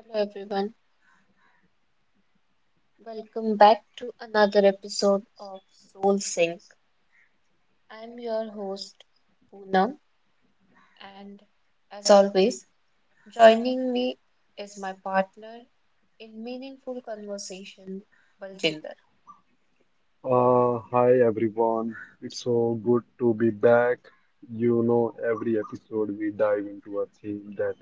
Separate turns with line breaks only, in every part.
Hello everyone, welcome back to another episode of Soul Sync. I'm your host Poonam, and as always, joining me is my partner in meaningful conversation, Baljinder.
Hi everyone. It's so good to be back. You know, every episode we dive into a theme that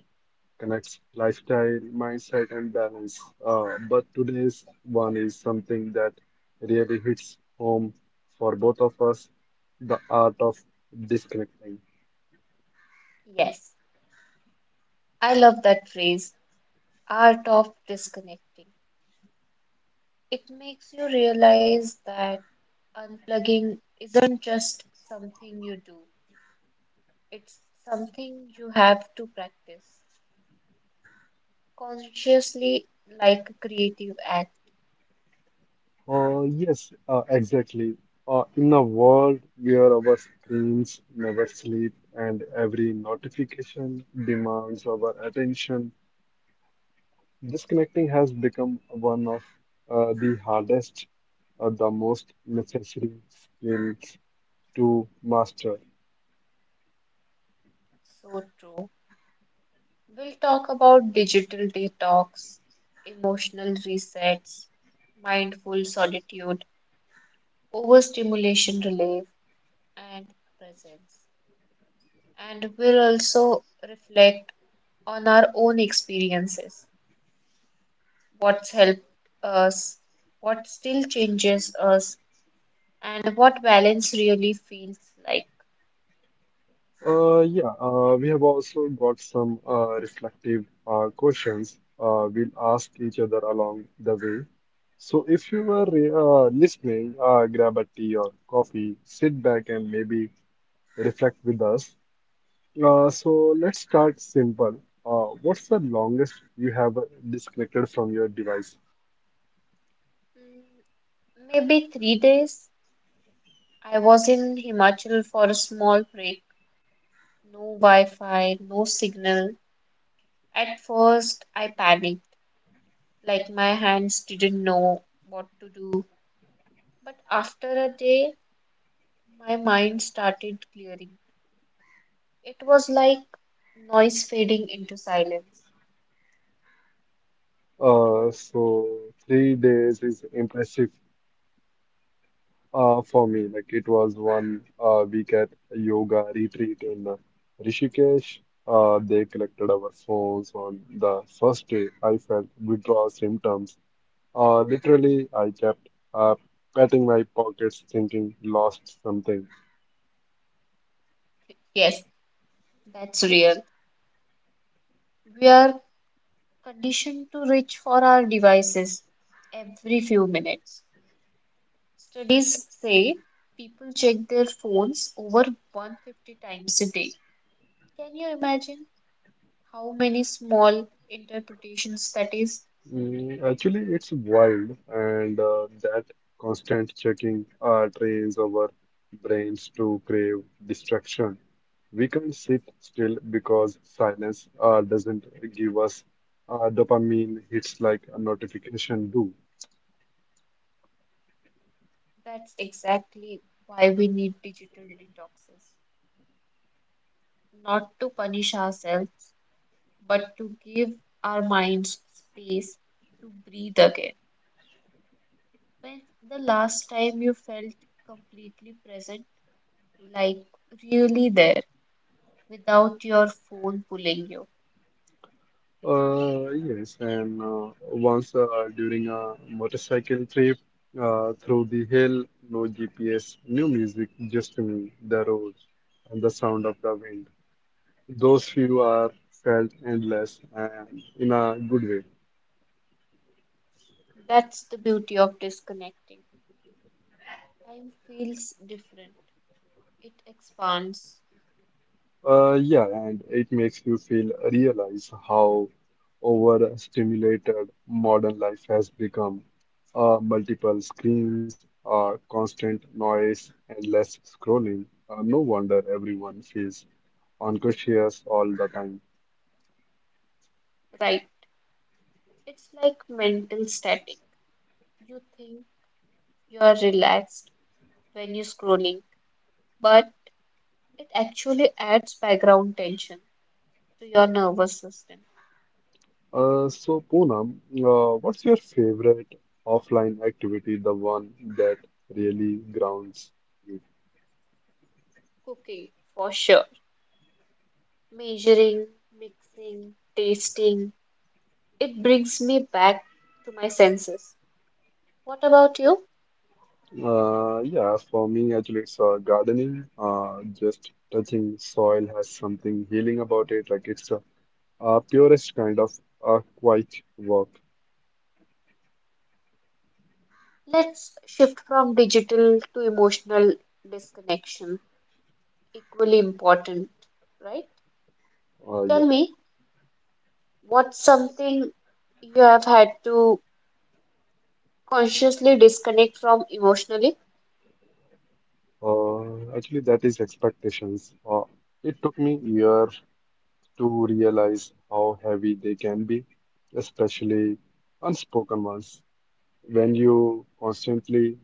connects lifestyle, mindset, and balance. But today's one is something that really hits home for both of us, the art of disconnecting.
Yes, I love that phrase, art of disconnecting. It makes you realize that unplugging isn't just something you do, it's something you have to practice consciously, like a creative act.
Yes, exactly. In a world where our screens never sleep and every notification demands our attention, disconnecting has become one of the hardest, the most necessary skills to master.
So true. We'll talk about digital detox, emotional resets, mindful solitude, overstimulation relief, and presence. And we'll also reflect on our own experiences, what's helped us, what still changes us, and what balance really feels like.
Yeah, we have also got some reflective questions we'll ask each other along the way. So if you were listening, grab a tea or coffee, sit back and maybe reflect with us. So let's start simple. What's the longest you have disconnected from your device?
Mm, Maybe 3 days. I was in Himachal for a small break. No Wi-Fi, no signal. At first, I panicked, like my hands didn't know what to do. But after a day, my mind started clearing. It was like noise fading into silence.
So 3 days is impressive for me. Like it was one week at a yoga retreat in Rishikesh. They collected our phones on the first day. I felt withdrawal symptoms. Literally, I kept patting my pockets, thinking lost something.
Yes, that's real. We are conditioned to reach for our devices every few minutes. Studies say people check their phones over 150 times a day. Can you imagine how many small interpretations that is?
Mm, actually, it's wild, and that constant checking trains our brains to crave distraction. We can't sit still because silence doesn't give us dopamine hits like a notification do.
That's exactly why we need digital detoxes, not to punish ourselves, but to give our minds space to breathe again. When the last time you felt completely present, like really there, without your phone pulling you?
Yes, and Once during a motorcycle trip through the hill, no GPS, new music, just me, the road, and the sound of the wind. Those few are felt endless and in a good way.
That's the beauty of disconnecting. Time feels different, it expands,
Yeah, and it makes you feel realize how overstimulated modern life has become. Multiple screens, constant noise, endless scrolling. No wonder everyone feels unconscious all the time.
right? It's like mental static. You think you're relaxed when you're scrolling, but it actually adds background tension to your nervous system.
So, Poonam, what's your favorite offline activity, the one that really grounds you?
Cooking, for sure. Measuring, mixing, tasting. It brings me back to my senses. What about you?
Yeah, for me, actually, it's gardening. Just touching soil has something healing about it. Like it's a, purest kind of quiet work.
Let's shift from digital to emotional disconnection. Equally important, right?
Uh, yeah.
Tell me, what's something you have had to consciously disconnect from emotionally.
Actually, that is expectations. It took me year to realize how heavy they can be, especially unspoken ones. When you constantly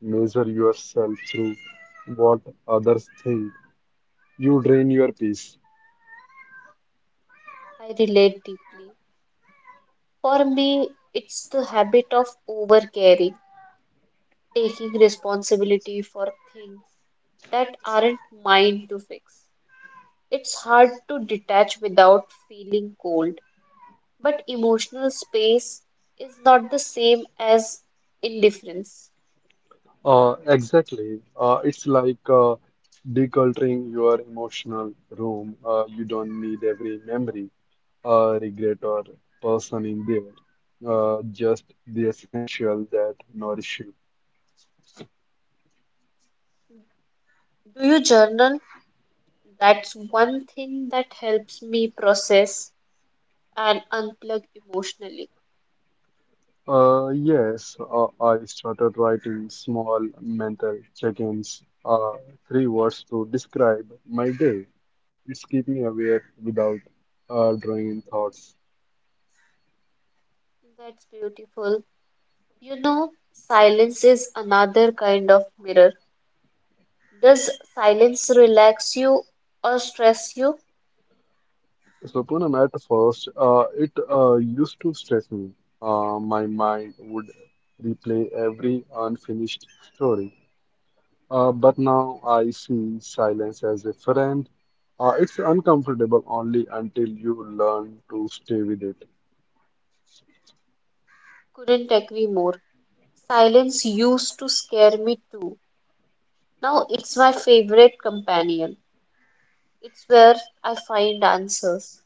measure yourself through what others think, you drain your peace.
I relate deeply. For me, it's the habit of overcaring, taking responsibility for things that aren't mine to fix. It's hard to detach without feeling cold, but emotional space is not the same as indifference.
Exactly. It's like decluttering your emotional room. You don't need every memory, regret, or person in there. Just the essential that nourish you.
Do you journal? That's one thing that helps me process and unplug emotionally.
Yes, I started writing small mental check-ins, three words to describe my day. It's keep me aware without drawing in thoughts.
That's beautiful. You know, silence is another kind of mirror. Does silence relax you or stress you?
So Poonam, at first, it used to stress me. My mind would replay every unfinished story. But now I see silence as a friend. It's uncomfortable only until you learn to stay with it.
Couldn't agree more. Silence used to scare me too. Now it's my favorite companion. It's where I find answers.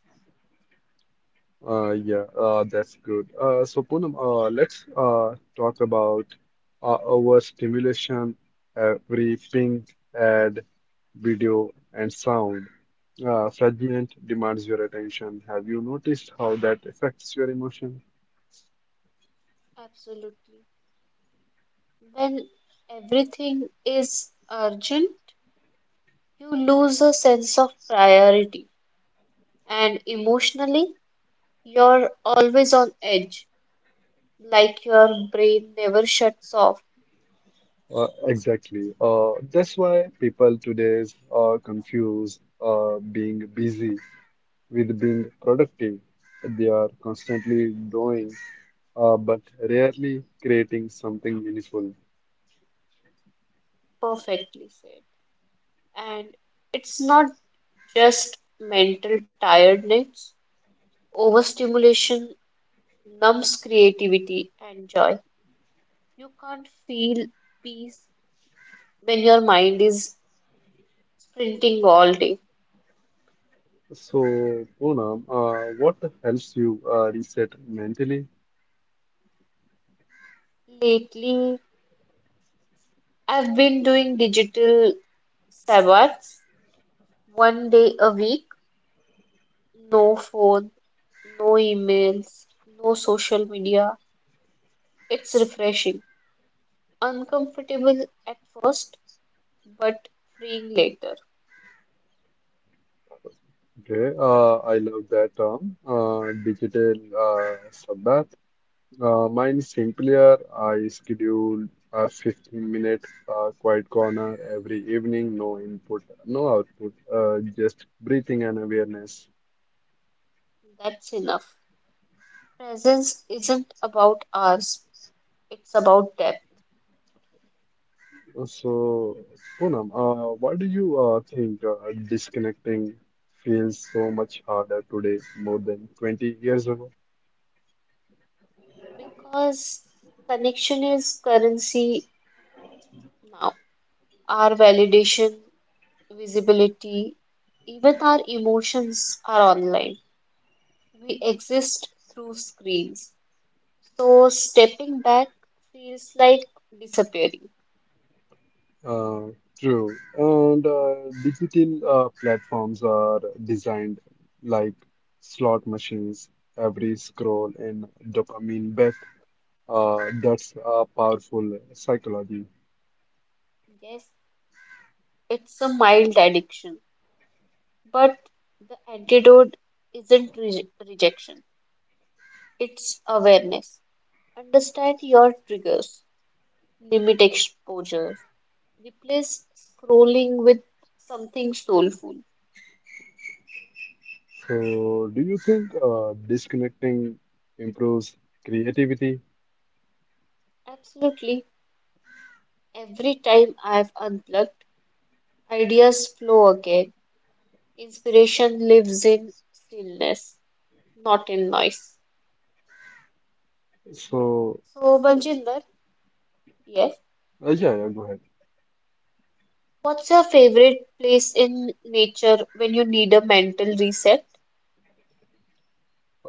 Yeah, that's good. So Poonam, let's talk about overstimulation, every ping, ad, video, and sound. Fragment demands your attention. Have you noticed how that affects your emotion?
Absolutely. When everything is urgent, you lose a sense of priority, and emotionally, you're always on edge, like your brain never shuts off.
Exactly. That's why people today are confused being busy with being productive. They are constantly doing, but rarely creating something meaningful.
Perfectly said. And it's not just mental tiredness, overstimulation numbs creativity and joy. You can't feel peace when your mind is sprinting all day.
So, Poonam, what helps you reset mentally?
Lately, I've been doing digital sabbats one day a week, no phone, no emails, no social media. It's refreshing, uncomfortable at first, but freeing later.
Okay, I love that term, digital Sabbath. Mine is simpler. I schedule a 15-minute quiet corner every evening. No input, no output, just breathing and awareness.
That's enough. Presence isn't about hours, it's about depth.
So, Poonam, why do you think disconnecting feels so much harder today more than 20 years ago?
Because connection is currency now. Our validation, visibility, even our emotions are online. We exist through screens. So stepping back feels like disappearing.
Uh, True. And digital platforms are designed like slot machines. Every scroll and dopamine bet. That's a powerful psychology.
Yes, it's a mild addiction, but the antidote isn't rejection. It's awareness. Understand your triggers. Limit exposure. Replace scrolling with something soulful.
So, do you think disconnecting improves creativity?
Absolutely. Every time I've unplugged, ideas flow again. Inspiration lives in stillness, not in noise.
So,
So, Baljinder, yes.
yeah, yeah, go ahead.
What's your favorite place in nature when you need a mental reset?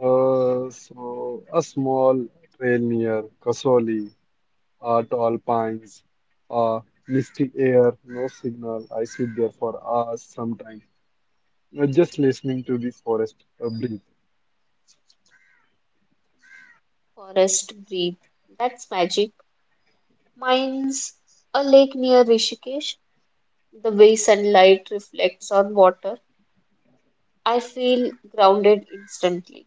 So a small trail near Kasoli, tall pines, uh, misty air, no signal. I sit there for hours sometimes, just listening to the forest breathe.
Forest, breathe. That's magic. Mine's a lake near Rishikesh. The way sunlight reflects on water, I feel grounded instantly.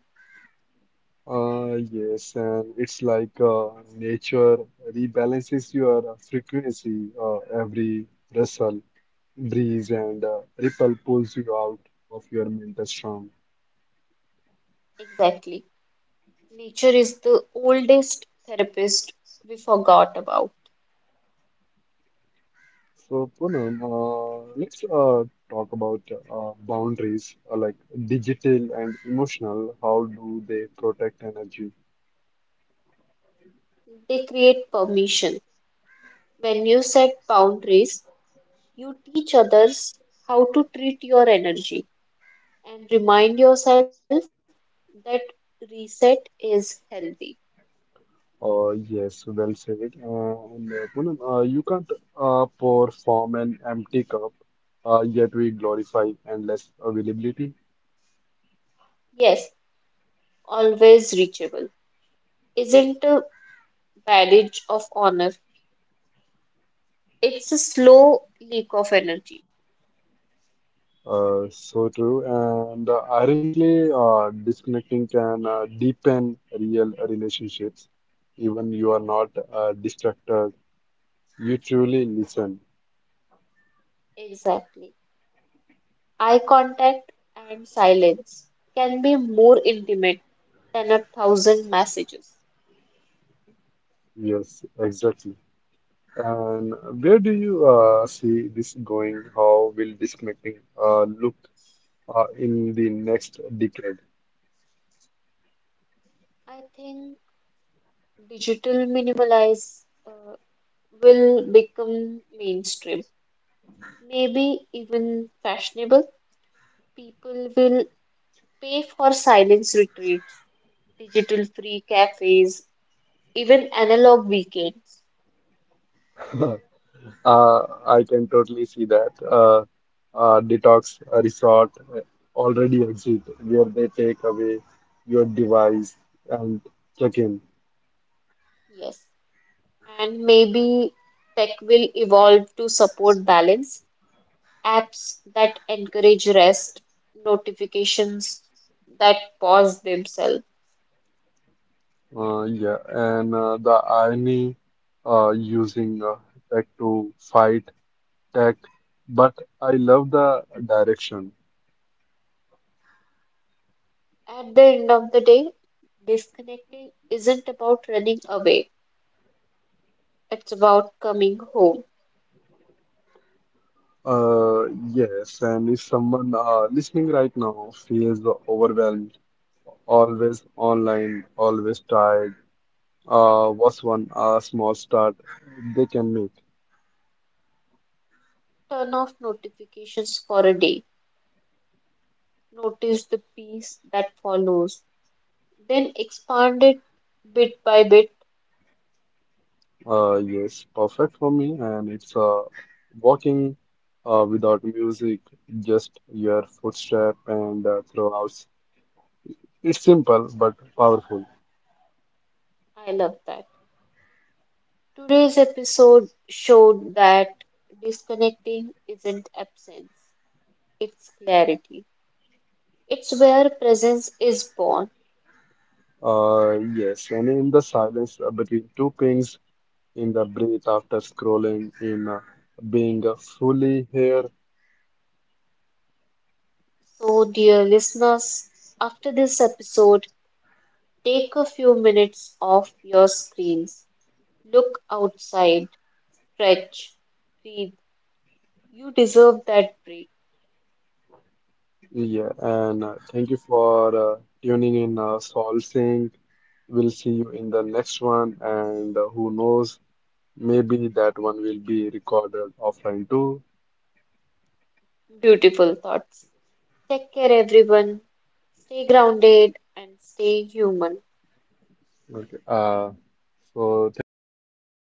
Yes, and it's like nature rebalances your frequency. Every rustle, breeze, and ripple pulls you out of your mental storm.
Exactly. Nature is the oldest therapist we forgot about.
So, Poonam, let's talk about boundaries, like digital and emotional. How do they protect energy?
They create permission. When you set boundaries, you teach others how to treat your energy and remind yourself that reset is healthy.
Yes, well said. And Poonam, you can't pour from an empty cup, yet we glorify endless availability.
Yes, always reachable. Isn't a badge of honor, it's a slow leak of energy.
So true. And ironically, disconnecting can deepen real relationships. Even you are not distracted, you truly listen.
Exactly. Eye contact and silence can be more intimate than a thousand messages.
Yes, exactly. And where do you see this going? How will disconnecting look in the next decade?
I think digital minimalize uh, will become mainstream, maybe even fashionable. People will pay for silence retreats, digital free cafes, even analog weekends.
I can totally see that. Detox resort already exist where they take away your device and check in.
Yes, and maybe tech will evolve to support balance apps that encourage rest, notifications that pause themselves.
Yeah, and the irony using tech to fight tech, but I love the direction.
At the end of the day, disconnecting isn't about running away, it's about coming home.
Yes, and if someone listening right now feels overwhelmed, always online, always tired, what's one small start they can make?
Turn off notifications for a day, notice the peace that follows, then expand it bit by bit.
Yes, perfect for me, and it's walking without music, just your footstep and throughout. It's simple but powerful.
I love that. Today's episode showed that disconnecting isn't absence, it's clarity. It's where presence is born.
Yes, and in the silence between two pings, in the breath after scrolling in being fully here.
So, dear listeners, after this episode, take a few minutes off your screens. Look outside, stretch, breathe. You deserve that break.
Yeah, and thank you for tuning in Saul Singh. We'll see you in the next one, and who knows, maybe that one will be recorded offline too.
Beautiful thoughts. Take care, everyone. Stay grounded and stay human.
Okay, so thank you, Poonam. Uh,